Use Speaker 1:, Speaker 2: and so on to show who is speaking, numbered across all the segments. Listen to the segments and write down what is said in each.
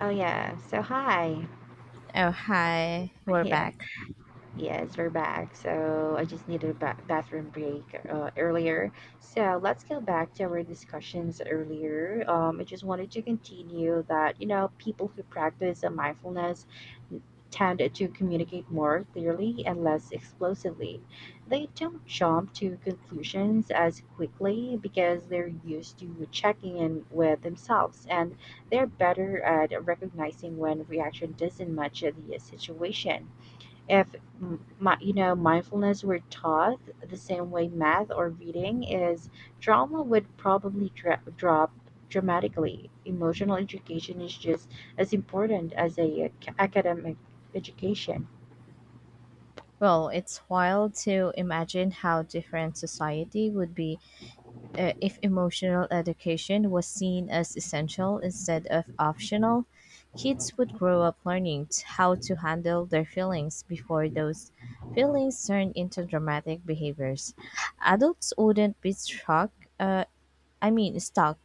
Speaker 1: Oh, yeah. So, hi.
Speaker 2: Oh, hi, we're
Speaker 1: Yeah.
Speaker 2: back.
Speaker 1: Yes, we're back. So I just needed a bathroom break earlier. So let's go back to our discussions earlier. I just wanted to continue that, you know, people who practice mindfulness tend to communicate more clearly and less explosively. They don't jump to conclusions as quickly because they're used to checking in with themselves, and they're better at recognizing when reaction doesn't match the situation. If my, you know, mindfulness were taught the same way math or reading is, trauma would probably drop dramatically. Emotional education is just as important as academic education.
Speaker 2: Well, it's wild to imagine how different society would be if emotional education was seen as essential instead of optional. Kids would grow up learning how to handle their feelings before those feelings turn into dramatic behaviors. Adults wouldn't be uh, stuck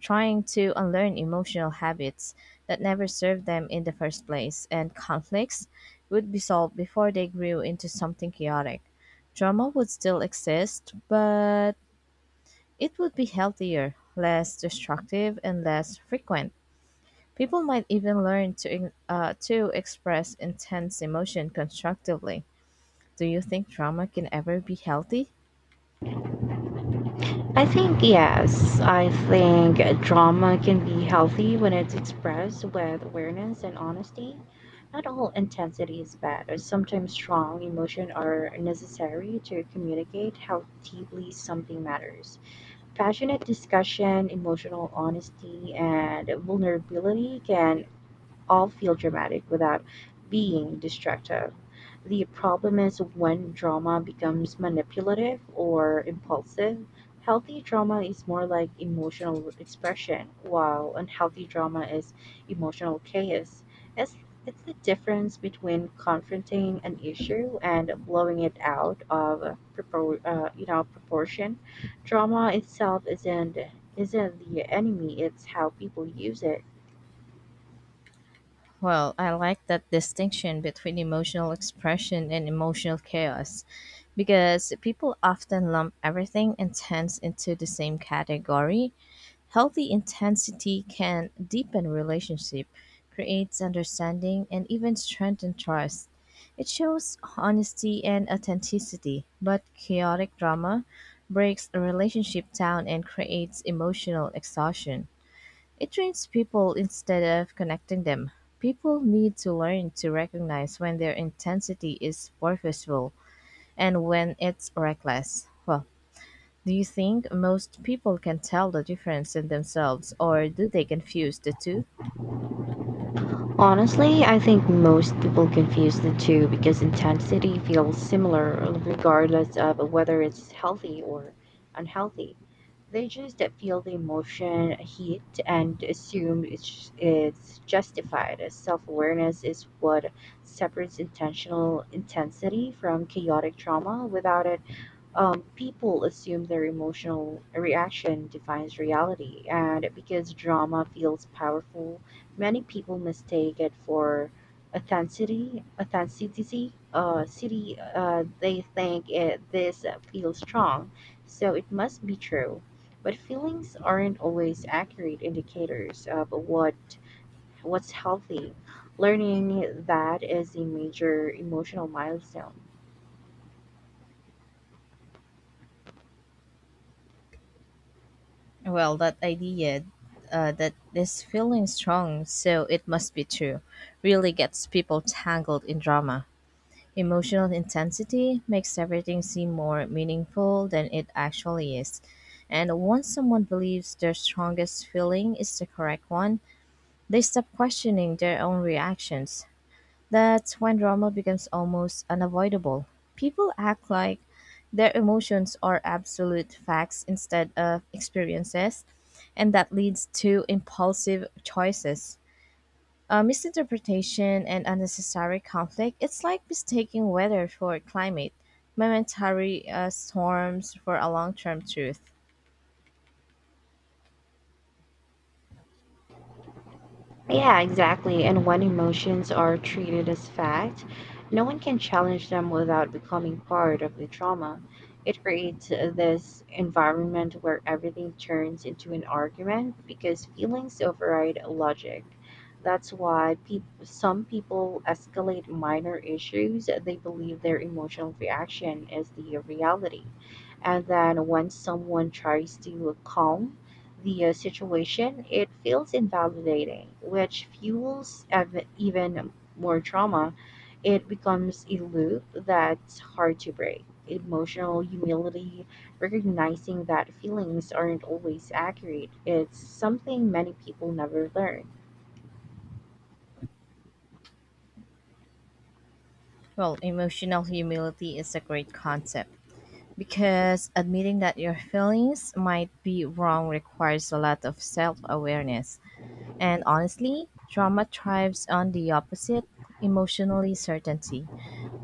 Speaker 2: trying to unlearn emotional habits that never served them in the first place, and conflicts would be solved before they grew into something chaotic. Drama would still exist, but it would be healthier, less destructive, and less frequent. People might even learn to express intense emotion constructively. Do you think drama can ever be healthy?
Speaker 1: I think yes, I think drama can be healthy when it's expressed with awareness and honesty. Not all intensity is bad, or sometimes strong emotion are necessary to communicate how deeply something matters. Passionate discussion, emotional honesty, and vulnerability can all feel dramatic without being destructive. The problem is when drama becomes manipulative or impulsive. Healthy drama is more like emotional expression, while unhealthy drama is emotional chaos. It's, it's the difference between confronting an issue and blowing it out of you know, proportion. Drama itself isn't the enemy; it's how people use it.
Speaker 2: Well, I like that distinction between emotional expression and emotional chaos because people often lump everything intense into the same category. Healthy intensity can deepen relationship, creates understanding, and even strengthen trust. It shows honesty and authenticity, but chaotic drama breaks a relationship down and creates emotional exhaustion. It trains people instead of connecting them. People need to learn to recognize when their intensity is purposeful and when it's reckless. Well, do you think most people can tell the difference in themselves, or do they confuse the two?
Speaker 1: Honestly, I think most people confuse the two because intensity feels similar regardless of whether it's healthy or unhealthy. They just feel the emotion, heat, and assume it's justified. Self awareness is what separates intentional intensity from chaotic trauma. Without it, people assume their emotional reaction defines reality, and because drama feels powerful, many people mistake it for authenticity. Authenticity. City. They think it, this feels strong, so it must be true. But feelings aren't always accurate indicators of what's healthy. Learning that is a major emotional milestone.
Speaker 2: Well, that idea that this feeling strong, so it must be true, really gets people tangled in drama. Emotional intensity makes everything seem more meaningful than it actually is. And once someone believes their strongest feeling is the correct one, they stop questioning their own reactions. That's when drama becomes almost unavoidable. People act like their emotions are absolute facts instead of experiences, and that leads to impulsive choices. Misinterpretation and unnecessary conflict, it's like mistaking weather for climate, momentary storms for a long term truth.
Speaker 1: Yeah, exactly. And when emotions are treated as fact, no one can challenge them without becoming part of the trauma. It creates this environment where everything turns into an argument because feelings override logic. That's why peop some people escalate minor issues. They believe their emotional reaction is the reality. And then when someone tries to calm the situation, it feels invalidating, which fuels even more trauma. It becomes a loop that's hard to break. Emotional humility, recognizing that feelings aren't always accurate, it's something many people never learn.
Speaker 2: Well, emotional humility is a great concept because admitting that your feelings might be wrong requires a lot of self awareness. And honestly, trauma thrives on the opposite emotionally certainty.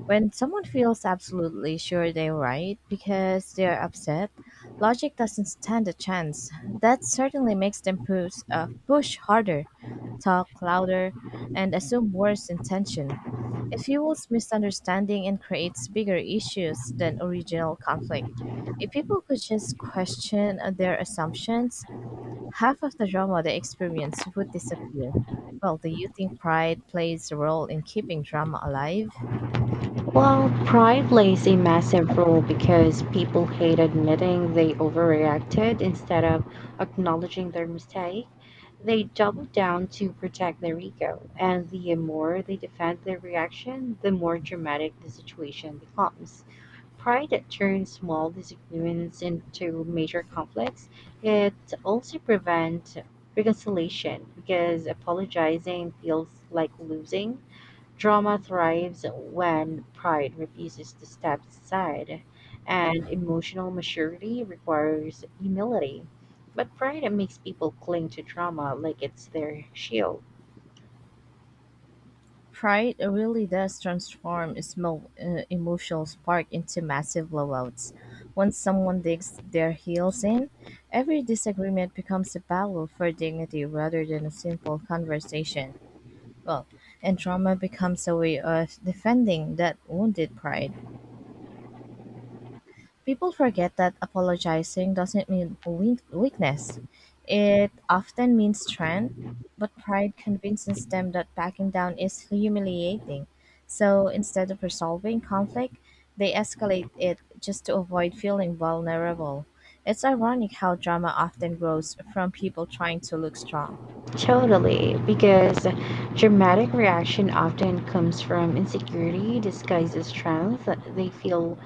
Speaker 2: When someone feels absolutely sure they're right because they're upset, logic doesn't stand a chance. That certainly makes them push harder, talk louder, and assume worse intention. It fuels misunderstanding and creates bigger issues than original conflict. If people could just question their assumptions, half of the drama they experience would disappear. Well, do you think pride plays a role in keeping drama alive?
Speaker 1: Well, pride plays a massive role because people hate admitting they overreacted instead of acknowledging their mistake. They double down to protect their ego, and the more they defend their reaction, the more dramatic the situation becomes. Pride that turns small disagreements into major conflicts. It also prevents reconciliation because apologizing feels like losing. Drama thrives when pride refuses to step aside, and emotional maturity requires humility. But pride makes people cling to drama like it's their shield.
Speaker 2: Pride really does transform small emotional spark into massive blowouts. Once someone digs their heels in, every disagreement becomes a battle for dignity rather than a simple conversation. Well, and trauma becomes a way of defending that wounded pride. People forget that apologizing doesn't mean weakness. It often means strength, but pride convinces them that backing down is humiliating. So instead of resolving conflict, they escalate it just to avoid feeling vulnerable. It's ironic how drama often grows from people trying to look strong.
Speaker 1: Totally, because dramatic reaction often comes from insecurity disguised as strength. They feel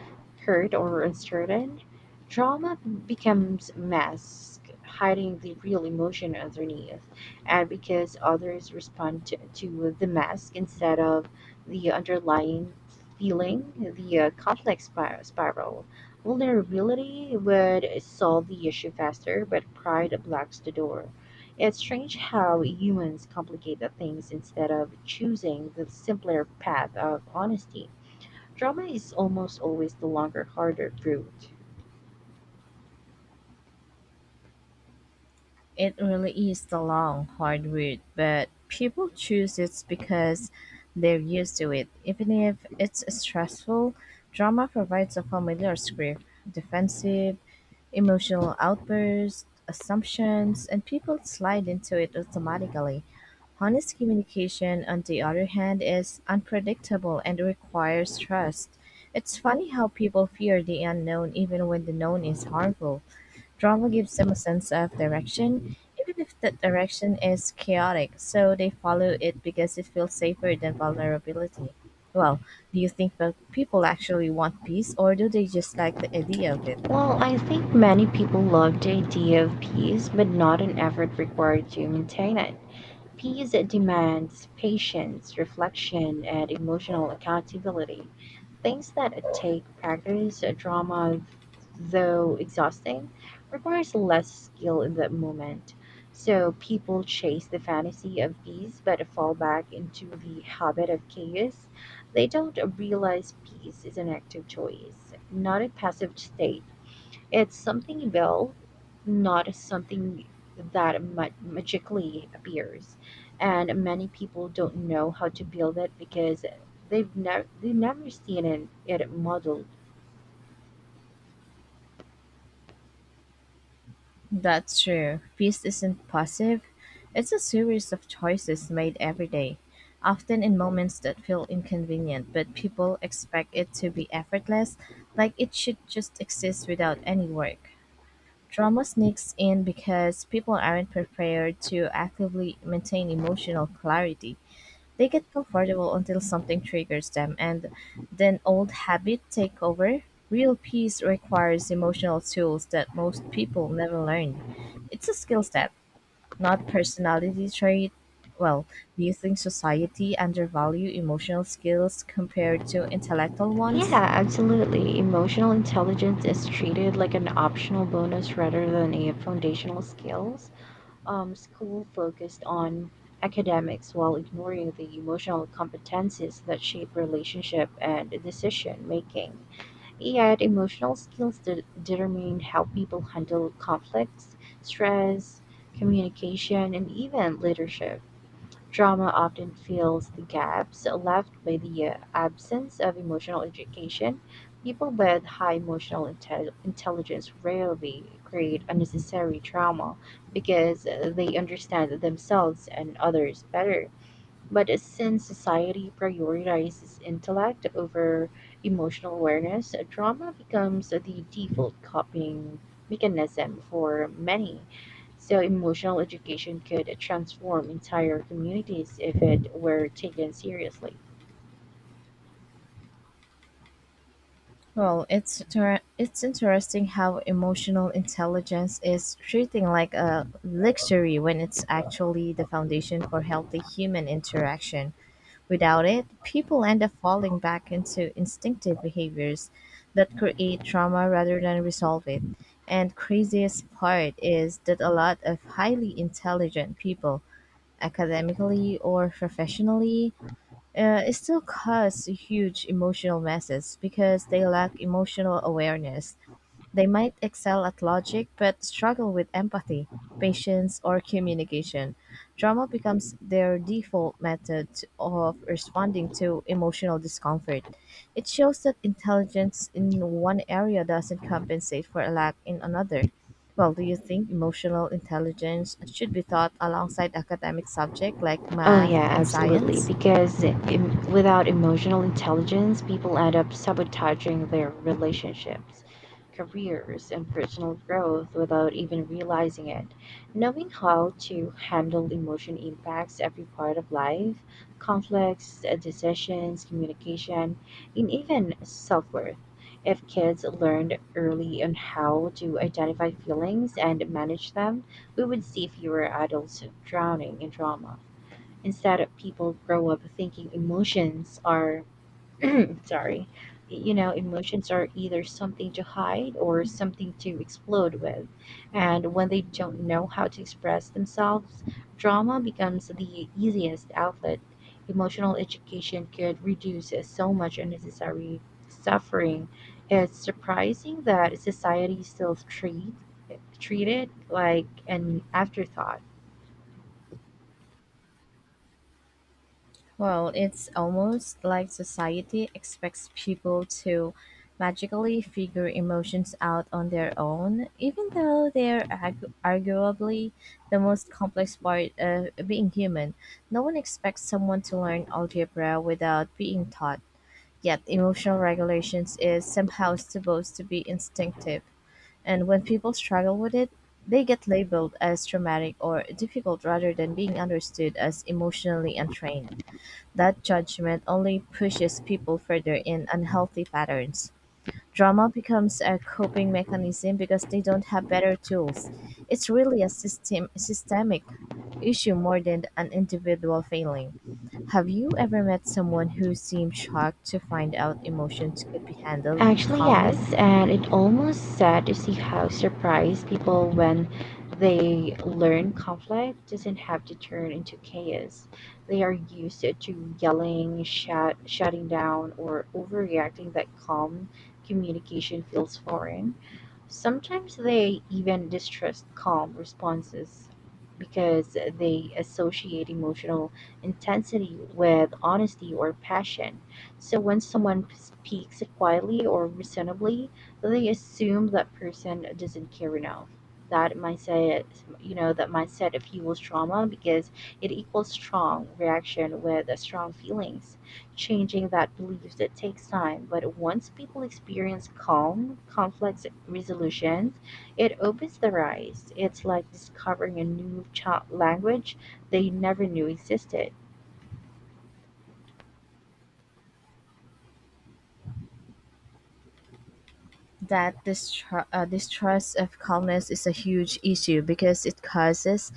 Speaker 1: hurt or uncertain. Drama becomes mask, hiding the real emotion underneath. And because others respond to the mask instead of the underlying feeling, the conflict spiral. Vulnerability would solve the issue faster, but pride blocks the door. It's strange how humans complicate things instead of choosing the simpler path of honesty. Drama is almost always the longer, harder route.
Speaker 2: It really is the long, hard route, but people choose it because they're used to it. Even if it's stressful, drama provides a familiar script defensive, emotional outbursts, assumptions, and people slide into it automatically. Honest communication, on the other hand, is unpredictable and requires trust. It's funny how people fear the unknown even when the known is harmful. Drama gives them a sense of direction, even if that direction is chaotic, so they follow it because it feels safer than vulnerability. Well, do you think that people actually want peace or do they just like the idea of it?
Speaker 1: Well, I think many people love the idea of peace, but not an effort required to maintain it. Peace demands patience, reflection, and emotional accountability. Things that take practice. Drama, though exhausting, requires less skill in that moment. So people chase the fantasy of peace but fall back into the habit of chaos. They don't realize peace is an active choice, not a passive state. It's something you build, not something that magically appears. And many people don't know how to build it because they've never seen it, it modeled.
Speaker 2: That's true. Peace isn't passive, it's a series of choices made every day, often in moments that feel inconvenient, but people expect it to be effortless, like it should just exist without any work. Drama sneaks in because people aren't prepared to actively maintain emotional clarity. They get comfortable until something triggers them, and then old habits take over. Real peace requires emotional tools that most people never learn. It's a skill set, not personality trait. Well, do you think society undervalue emotional skills compared to intellectual ones?
Speaker 1: Yeah, absolutely. Emotional intelligence is treated like an optional bonus rather than a foundational skills. School focused on academics while ignoring the emotional competencies that shape relationship and decision making. Yet, emotional skills determine how people handle conflicts, stress, communication, and even leadership. Drama often fills the gaps left by the absence of emotional education. People with high emotional intelligence rarely create unnecessary trauma because they understand themselves and others better. But since society prioritizes intellect over emotional awareness, drama becomes the default coping mechanism for many. So, emotional education could transform entire communities if it were taken seriously.
Speaker 2: Well, it's interesting how emotional intelligence is treating like a luxury when it's actually the foundation for healthy human interaction. Without it, people end up falling back into instinctive behaviors that create trauma rather than resolve it. And craziest part is that a lot of highly intelligent people, academically or professionally, it still cuts huge emotional messes because they lack emotional awareness. They might excel at logic but struggle with empathy, patience, or communication. Drama becomes their default method of responding to emotional discomfort. It shows that intelligence in one area doesn't compensate for a lack in another. Well, do you think emotional intelligence should be taught alongside academic subjects like
Speaker 1: Oh,
Speaker 2: math
Speaker 1: yeah,
Speaker 2: and
Speaker 1: absolutely.
Speaker 2: science?
Speaker 1: Because without emotional intelligence, people end up sabotaging their relationships, careers, and personal growth without even realizing it. Knowing how to handle emotion impacts every part of life: conflicts, decisions, communication, and even self worth. If kids learned early on how to identify feelings and manage them, we would see fewer adults drowning in trauma instead of people grow up thinking emotions are sorry, you know, emotions are either something to hide or something to explode with, and when they don't know how to express themselves, drama becomes the easiest outlet. Emotional education could reduce so much unnecessary suffering. It's surprising that society still treat it like an afterthought.
Speaker 2: Well, it's almost like society expects people to magically figure emotions out on their own, even though they're arguably the most complex part of being human. No one expects someone to learn algebra without being taught, yet, emotional regulations is somehow supposed to be instinctive. And when people struggle with it, they get labeled as traumatic or difficult rather than being understood as emotionally untrained. That judgment only pushes people further in unhealthy patterns. Drama becomes a coping mechanism because they don't have better tools. It's really a systemic issue more than an individual failing. Have you ever met someone who seemed shocked to find out emotions could be handled
Speaker 1: Actually,
Speaker 2: calmly?
Speaker 1: yes, and it almost sad to see how surprised people when they learn conflict doesn't have to turn into chaos. They are used to yelling, shout, shutting down, or overreacting that calm communication feels foreign. Sometimes they even distrust calm responses because they associate emotional intensity with honesty or passion, so when someone speaks quietly or reasonably, they assume that person doesn't care enough. That mindset, that mindset fuels trauma because it equals strong reaction with strong feelings. Changing that belief it takes time, but once people experience calm, conflict resolutions, it opens their eyes. It's like discovering a new language they never knew existed.
Speaker 2: That distrust of calmness is a huge issue because it causes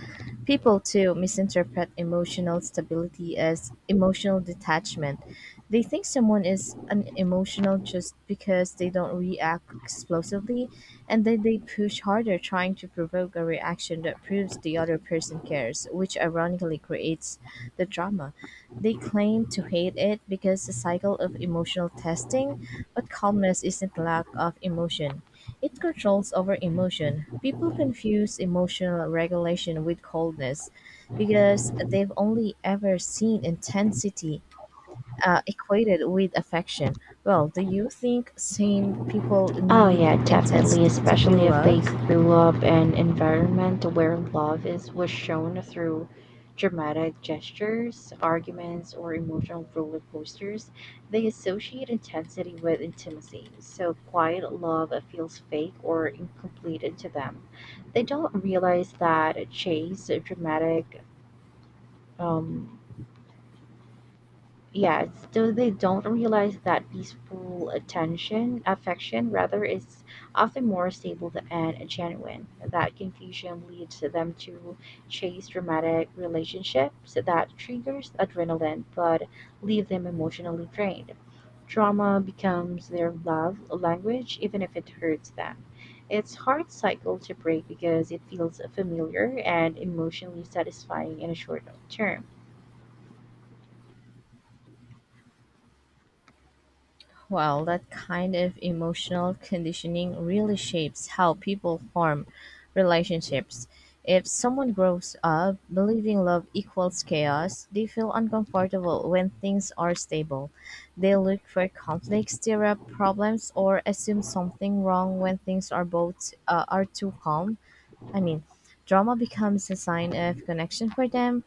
Speaker 2: people to misinterpret emotional stability as emotional detachment. They think someone is unemotional just because they don't react explosively, and then they push harder trying to provoke a reaction that proves the other person cares, which ironically creates the drama. They claim to hate it because the cycle of emotional testing but calmness isn't lack of emotion. It controls over emotion. People confuse emotional regulation with coldness because they've only ever seen intensity equated with affection. Well, do you think sane people
Speaker 1: Oh,
Speaker 2: need
Speaker 1: yeah, definitely,
Speaker 2: intensity to
Speaker 1: especially
Speaker 2: feel
Speaker 1: if they
Speaker 2: loved?
Speaker 1: grew up in an environment where love is was shown through dramatic gestures, arguments, or emotional roller coasters. They associate intensity with intimacy, so quiet love feels fake or incomplete to them. They don't realize that chase, dramatic, um, yeah, so they don't realize that peaceful attention, affection rather, is often more stable and genuine. That confusion leads to them to chase dramatic relationships that triggers adrenaline but leave them emotionally drained. Trauma becomes their love language, even if it hurts them. It's hard cycle to break because it feels familiar and emotionally satisfying in a short term.
Speaker 2: Well, that kind of emotional conditioning really shapes how people form relationships. If someone grows up believing love equals chaos, they feel uncomfortable when things are stable. They look for conflict, stir up problems, or assume something wrong when things are both are too calm. I mean, drama becomes a sign of connection for them,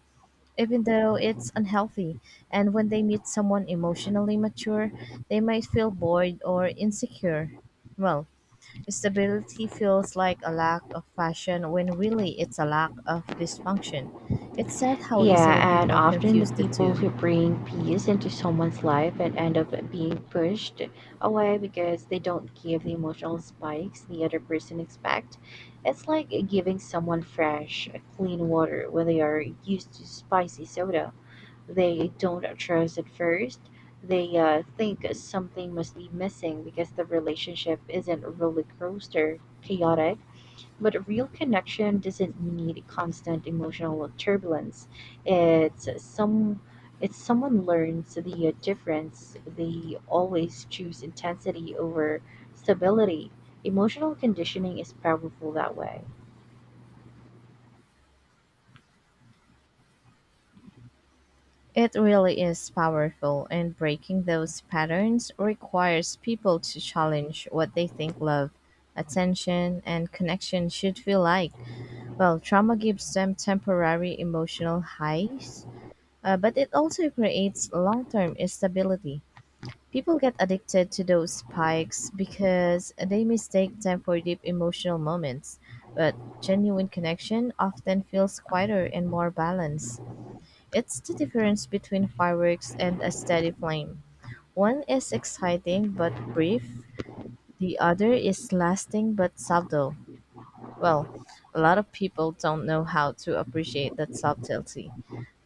Speaker 2: even though it's unhealthy. And when they meet someone emotionally mature, they might feel bored or insecure. Well, stability feels like a lack of passion when really it's a lack of dysfunction. It's sad how easily
Speaker 1: Yeah, and
Speaker 2: people
Speaker 1: often
Speaker 2: confuse
Speaker 1: the
Speaker 2: the
Speaker 1: people
Speaker 2: two.
Speaker 1: who bring peace into someone's life and end up being pushed away because they don't give the emotional spikes the other person expect. It's like giving someone fresh, clean water when they are used to spicy soda. They don't trust at first. They think something must be missing because the relationship isn't roller coaster chaotic. But a real connection doesn't need constant emotional turbulence. It's some it's someone learns the difference. They always choose intensity over stability. Emotional conditioning is powerful that way.
Speaker 2: It really is powerful, and breaking those patterns requires people to challenge what they think love, attention, and connection should feel like. Well, trauma gives them temporary emotional highs, but it also creates long term instability. People get addicted to those spikes because they mistake them for deep emotional moments, but genuine connection often feels quieter and more balanced. It's the difference between fireworks and a steady flame. One is exciting but brief, the other is lasting but subtle. Well, a lot of people don't know how to appreciate that subtlety.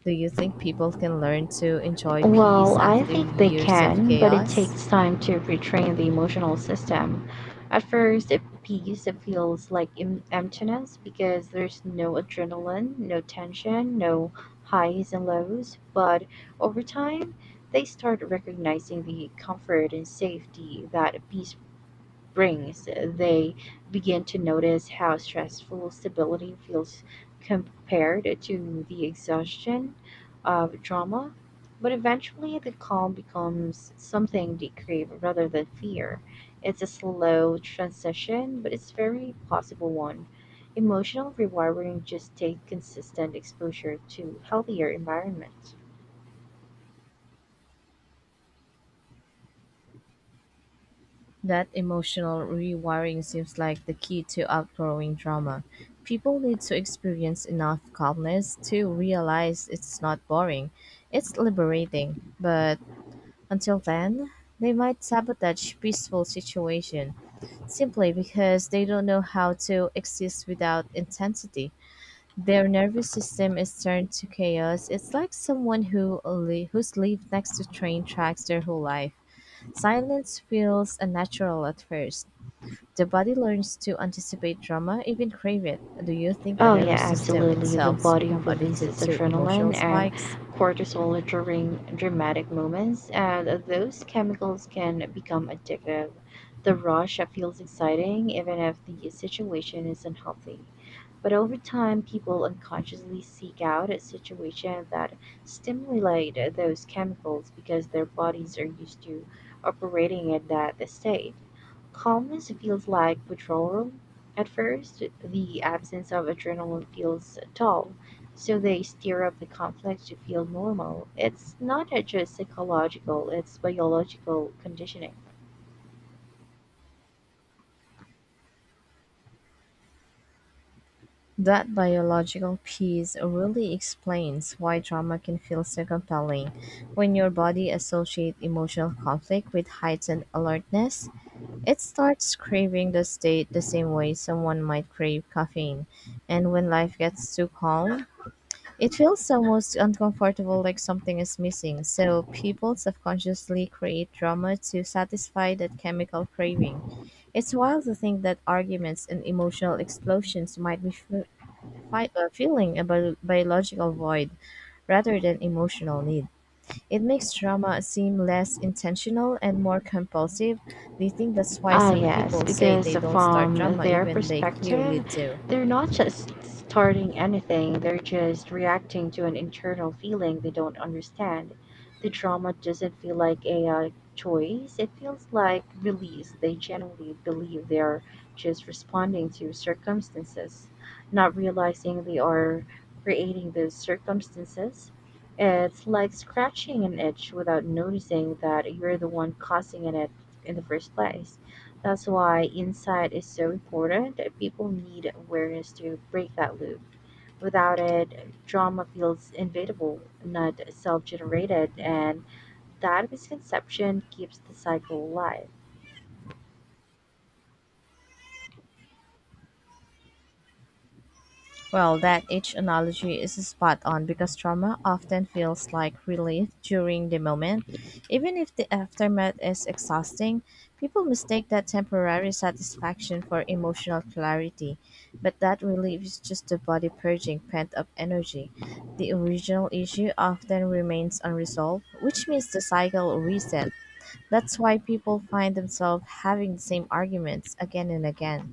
Speaker 2: Do you think people can learn to enjoy
Speaker 1: Well,
Speaker 2: peace
Speaker 1: I
Speaker 2: after
Speaker 1: think they
Speaker 2: years of
Speaker 1: can, but it
Speaker 2: chaos?
Speaker 1: takes time to retrain the emotional system. At first, it peace it feels like emptiness because there's no adrenaline, no tension, no highs and lows. But over time, they start recognizing the comfort and safety that peace brings. They begin to notice how stressful stability feels compared to the exhaustion of drama. But eventually, the calm becomes something they crave rather than fear. It's a slow transition, but it's very possible one. Emotional rewiring just take consistent exposure to healthier environment.
Speaker 2: That emotional rewiring seems like the key to outgrowing drama. People need to experience enough calmness to realize it's not boring, it's liberating. But until then, they might sabotage peaceful situation simply because they don't know how to exist without intensity. Their nervous system is turned to chaos. It's like someone who's lived next to train tracks their whole life. Silence feels unnatural at first. The body learns to anticipate drama, even crave it. Do you think the
Speaker 1: Oh, yeah,
Speaker 2: nervous system
Speaker 1: absolutely. The
Speaker 2: itself's
Speaker 1: body
Speaker 2: become addicted
Speaker 1: releases
Speaker 2: to emotional
Speaker 1: adrenaline and
Speaker 2: spikes?
Speaker 1: cortisol during dramatic moments, and those chemicals can become addictive. The rush feels exciting, even if the situation is unhealthy. But over time, people unconsciously seek out a situation that stimulate those chemicals because their bodies are used to operating at that state. Calmness feels like withdrawal. At first, the absence of adrenaline feels dull, so they stir up the conflict to feel normal. It's not just psychological, it's biological conditioning.
Speaker 2: That biological piece really explains why drama can feel so compelling. When your body associates emotional conflict with heightened alertness, it starts craving the state the same way someone might crave caffeine, and when life gets too calm, it feels almost uncomfortable like something is missing. So people subconsciously create drama to satisfy that chemical craving. It's wild to think that arguments and emotional explosions might be filling a biological void rather than emotional need. It makes drama seem less intentional and more compulsive. Do you think that's why
Speaker 1: Ah,
Speaker 2: some
Speaker 1: yes,
Speaker 2: people say
Speaker 1: because
Speaker 2: they don't start
Speaker 1: from
Speaker 2: drama
Speaker 1: their
Speaker 2: even they clearly
Speaker 1: perspective,
Speaker 2: do?
Speaker 1: they're not just starting anything, they're just reacting to an internal feeling they don't understand. The trauma doesn't feel like a choice, it feels like release. They generally believe they're just responding to circumstances, not realizing they are creating those circumstances. It's like scratching an itch without noticing that you're the one causing it in the first place. That's why insight is so important. People need awareness to break that loop. Without it, trauma feels invadable, not self generated, and that misconception keeps the cycle alive.
Speaker 2: Well, that age analogy is spot on because trauma often feels like relief during the moment. Even if the aftermath is exhausting, people mistake that temporary satisfaction for emotional clarity. But that relief is just the body purging pent up energy. The original issue often remains unresolved, which means the cycle reset. That's why people find themselves having the same arguments again and again.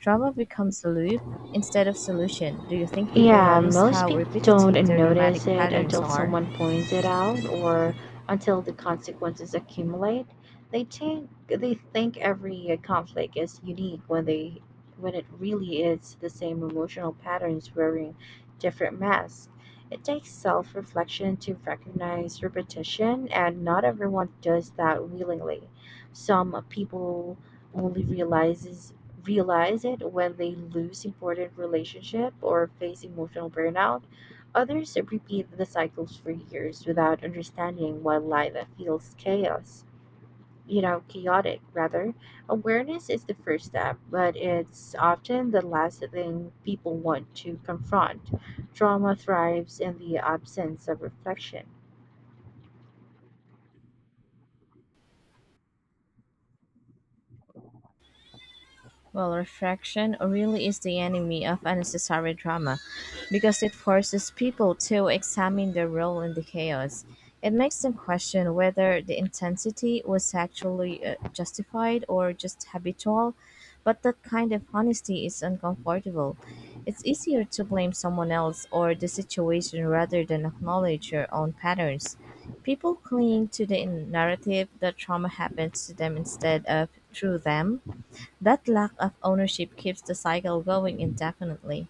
Speaker 2: Drama becomes a loop instead of solution. Do you think people
Speaker 1: Yeah,
Speaker 2: notice
Speaker 1: most
Speaker 2: how
Speaker 1: people
Speaker 2: repetitive
Speaker 1: don't
Speaker 2: their dramatic
Speaker 1: notice it
Speaker 2: patterns
Speaker 1: until
Speaker 2: are?
Speaker 1: someone points it out or until the consequences accumulate. They think every conflict is unique when they when it really is the same emotional patterns wearing different masks. It takes self-reflection to recognize repetition, and not everyone does that willingly. Some people only realizes realize it when they lose important relationship or face emotional burnout. Others repeat the cycles for years without understanding why life feels chaos, you know, chaotic rather. Awareness is the first step, but it's often the last thing people want to confront. Trauma thrives in the absence of reflection.
Speaker 2: Well, refraction really is the enemy of unnecessary drama because it forces people to examine their role in the chaos. It makes them question whether the intensity was actually justified or just habitual, but that kind of honesty is uncomfortable. It's easier to blame someone else or the situation rather than acknowledge your own patterns. People cling to the narrative that trauma happens to them instead of through them that lack of ownership keeps the cycle going indefinitely.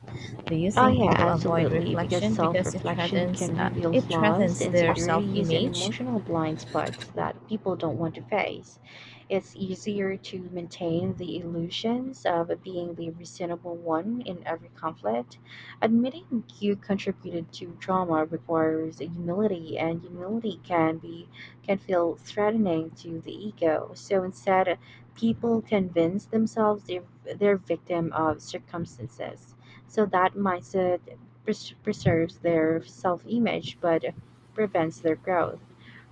Speaker 2: Do you
Speaker 1: Oh,
Speaker 2: think
Speaker 1: yeah,
Speaker 2: people avoid
Speaker 1: absolutely, because
Speaker 2: reflection
Speaker 1: self
Speaker 2: because it
Speaker 1: reflection can reveal flaws,
Speaker 2: threatens their
Speaker 1: insecurities, and
Speaker 2: self-image?
Speaker 1: emotional blind spots that people don't want to face. It's easier to maintain the illusions of being the reasonable one in every conflict. Admitting you contributed to trauma requires humility, and humility can feel threatening to the ego. So instead, people convince themselves they're victim of circumstances, so that mindset preserves their self image but prevents their growth.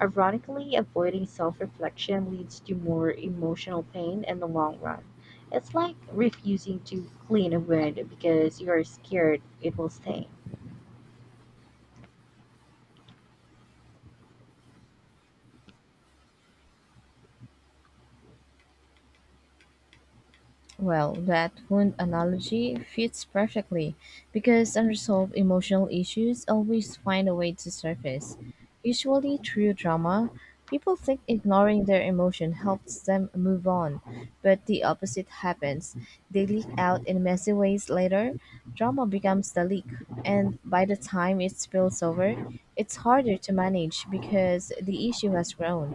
Speaker 1: Ironically, avoiding self reflection leads to more emotional pain in the long run. It's like refusing to clean a wound because you are scared it will sting.
Speaker 2: Well, that wound analogy fits perfectly because unresolved emotional issues always find a way to surface. Usually through drama, people think ignoring their emotion helps them move on, but the opposite happens. They leak out in messy ways later, drama becomes the leak, and by the time it spills over, it's harder to manage because the issue has grown.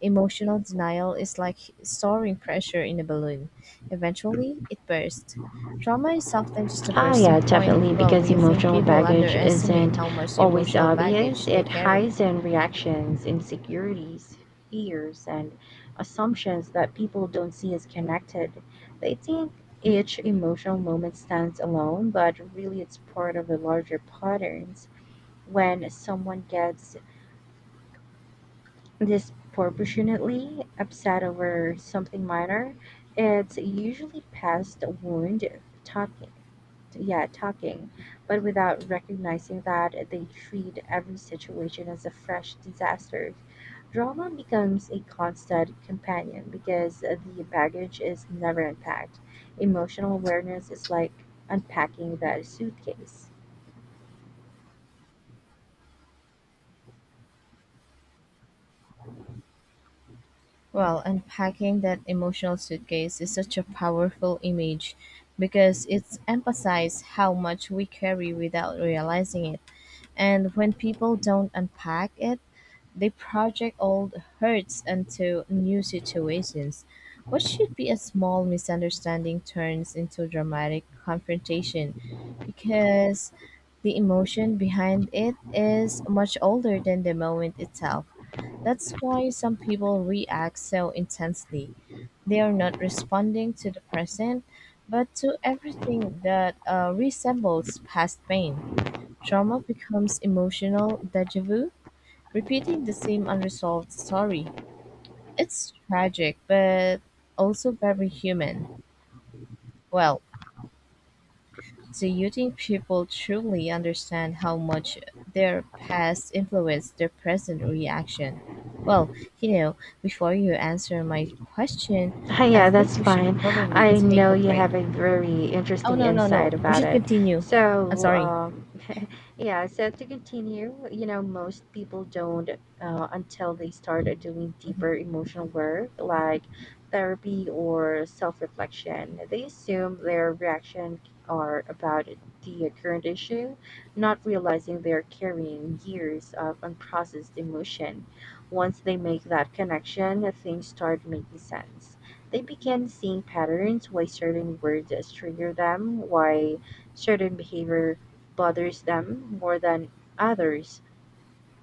Speaker 2: Emotional denial is like storing pressure in a balloon. Eventually, it bursts. Trauma is often just a
Speaker 1: Oh, yeah,
Speaker 2: bursting point.
Speaker 1: definitely,
Speaker 2: Well, do
Speaker 1: because
Speaker 2: you think
Speaker 1: emotional
Speaker 2: people
Speaker 1: baggage
Speaker 2: underestimate
Speaker 1: isn't
Speaker 2: how much
Speaker 1: always
Speaker 2: emotional
Speaker 1: obvious.
Speaker 2: baggage they
Speaker 1: It
Speaker 2: carry?
Speaker 1: hides in reactions, insecurities, fears, and assumptions that people don't see as connected. They think each emotional moment stands alone, but really it's part of a larger patterns. When someone gets disproportionately upset over something minor, it's usually past wound talking yeah talking but without recognizing that they treat every situation as a fresh disaster, drama becomes a constant companion because the baggage is never unpacked. Emotional awareness is like unpacking that suitcase.
Speaker 2: Well, unpacking that emotional suitcase is such a powerful image because it's emphasizes how much we carry without realizing it. And when people don't unpack it, they project old hurts into new situations. What should be a small misunderstanding turns into dramatic confrontation because the emotion behind it is much older than the moment itself. That's why some people react so intensely. They are not responding to the present, but to everything that resembles past pain. Trauma becomes emotional deja vu repeating the same unresolved story. It's tragic, but also very human. Well, do you think people truly understand how much their past influenced their present reaction? Well, you know, before you answer my question,
Speaker 1: Hi,
Speaker 2: I
Speaker 1: yeah,
Speaker 2: think
Speaker 1: that's
Speaker 2: we should
Speaker 1: fine.
Speaker 2: probably
Speaker 1: I
Speaker 2: take
Speaker 1: know
Speaker 2: a
Speaker 1: you
Speaker 2: break.
Speaker 1: have a very
Speaker 2: Oh,
Speaker 1: interesting
Speaker 2: no, no,
Speaker 1: insight
Speaker 2: no. We
Speaker 1: about
Speaker 2: should
Speaker 1: it.
Speaker 2: continue. I'm
Speaker 1: So,
Speaker 2: sorry.
Speaker 1: yeah, so to continue, you know, most people don't until they start doing deeper emotional work like therapy or self reflection. They assume their reaction are about the current issue, not realizing they're carrying years of unprocessed emotion. Once they make that connection, things start making sense. They begin seeing patterns, why certain words trigger them, why certain behavior bothers them more than others.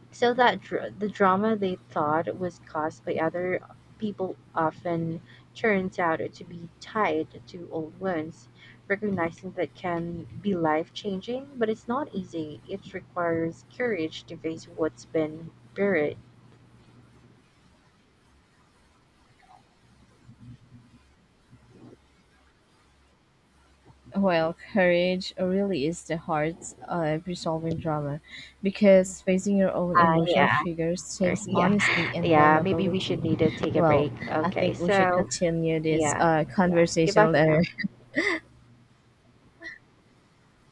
Speaker 1: So the drama they thought was caused by other people often turns out to be tied to old wounds. Recognizing that can be life changing, but it's not easy. It requires courage to face what's been buried.
Speaker 2: Well, courage really is the heart of resolving drama because facing your own
Speaker 1: Ah,
Speaker 2: emotional
Speaker 1: yeah,
Speaker 2: triggers takes
Speaker 1: yeah,
Speaker 2: honesty and
Speaker 1: yeah. Maybe we should
Speaker 2: vulnerability.
Speaker 1: need to take a
Speaker 2: Well,
Speaker 1: break.
Speaker 2: I
Speaker 1: Okay,
Speaker 2: think we should
Speaker 1: so
Speaker 2: continue this
Speaker 1: yeah. Yeah. Goodbye
Speaker 2: conversation
Speaker 1: for now.
Speaker 2: later.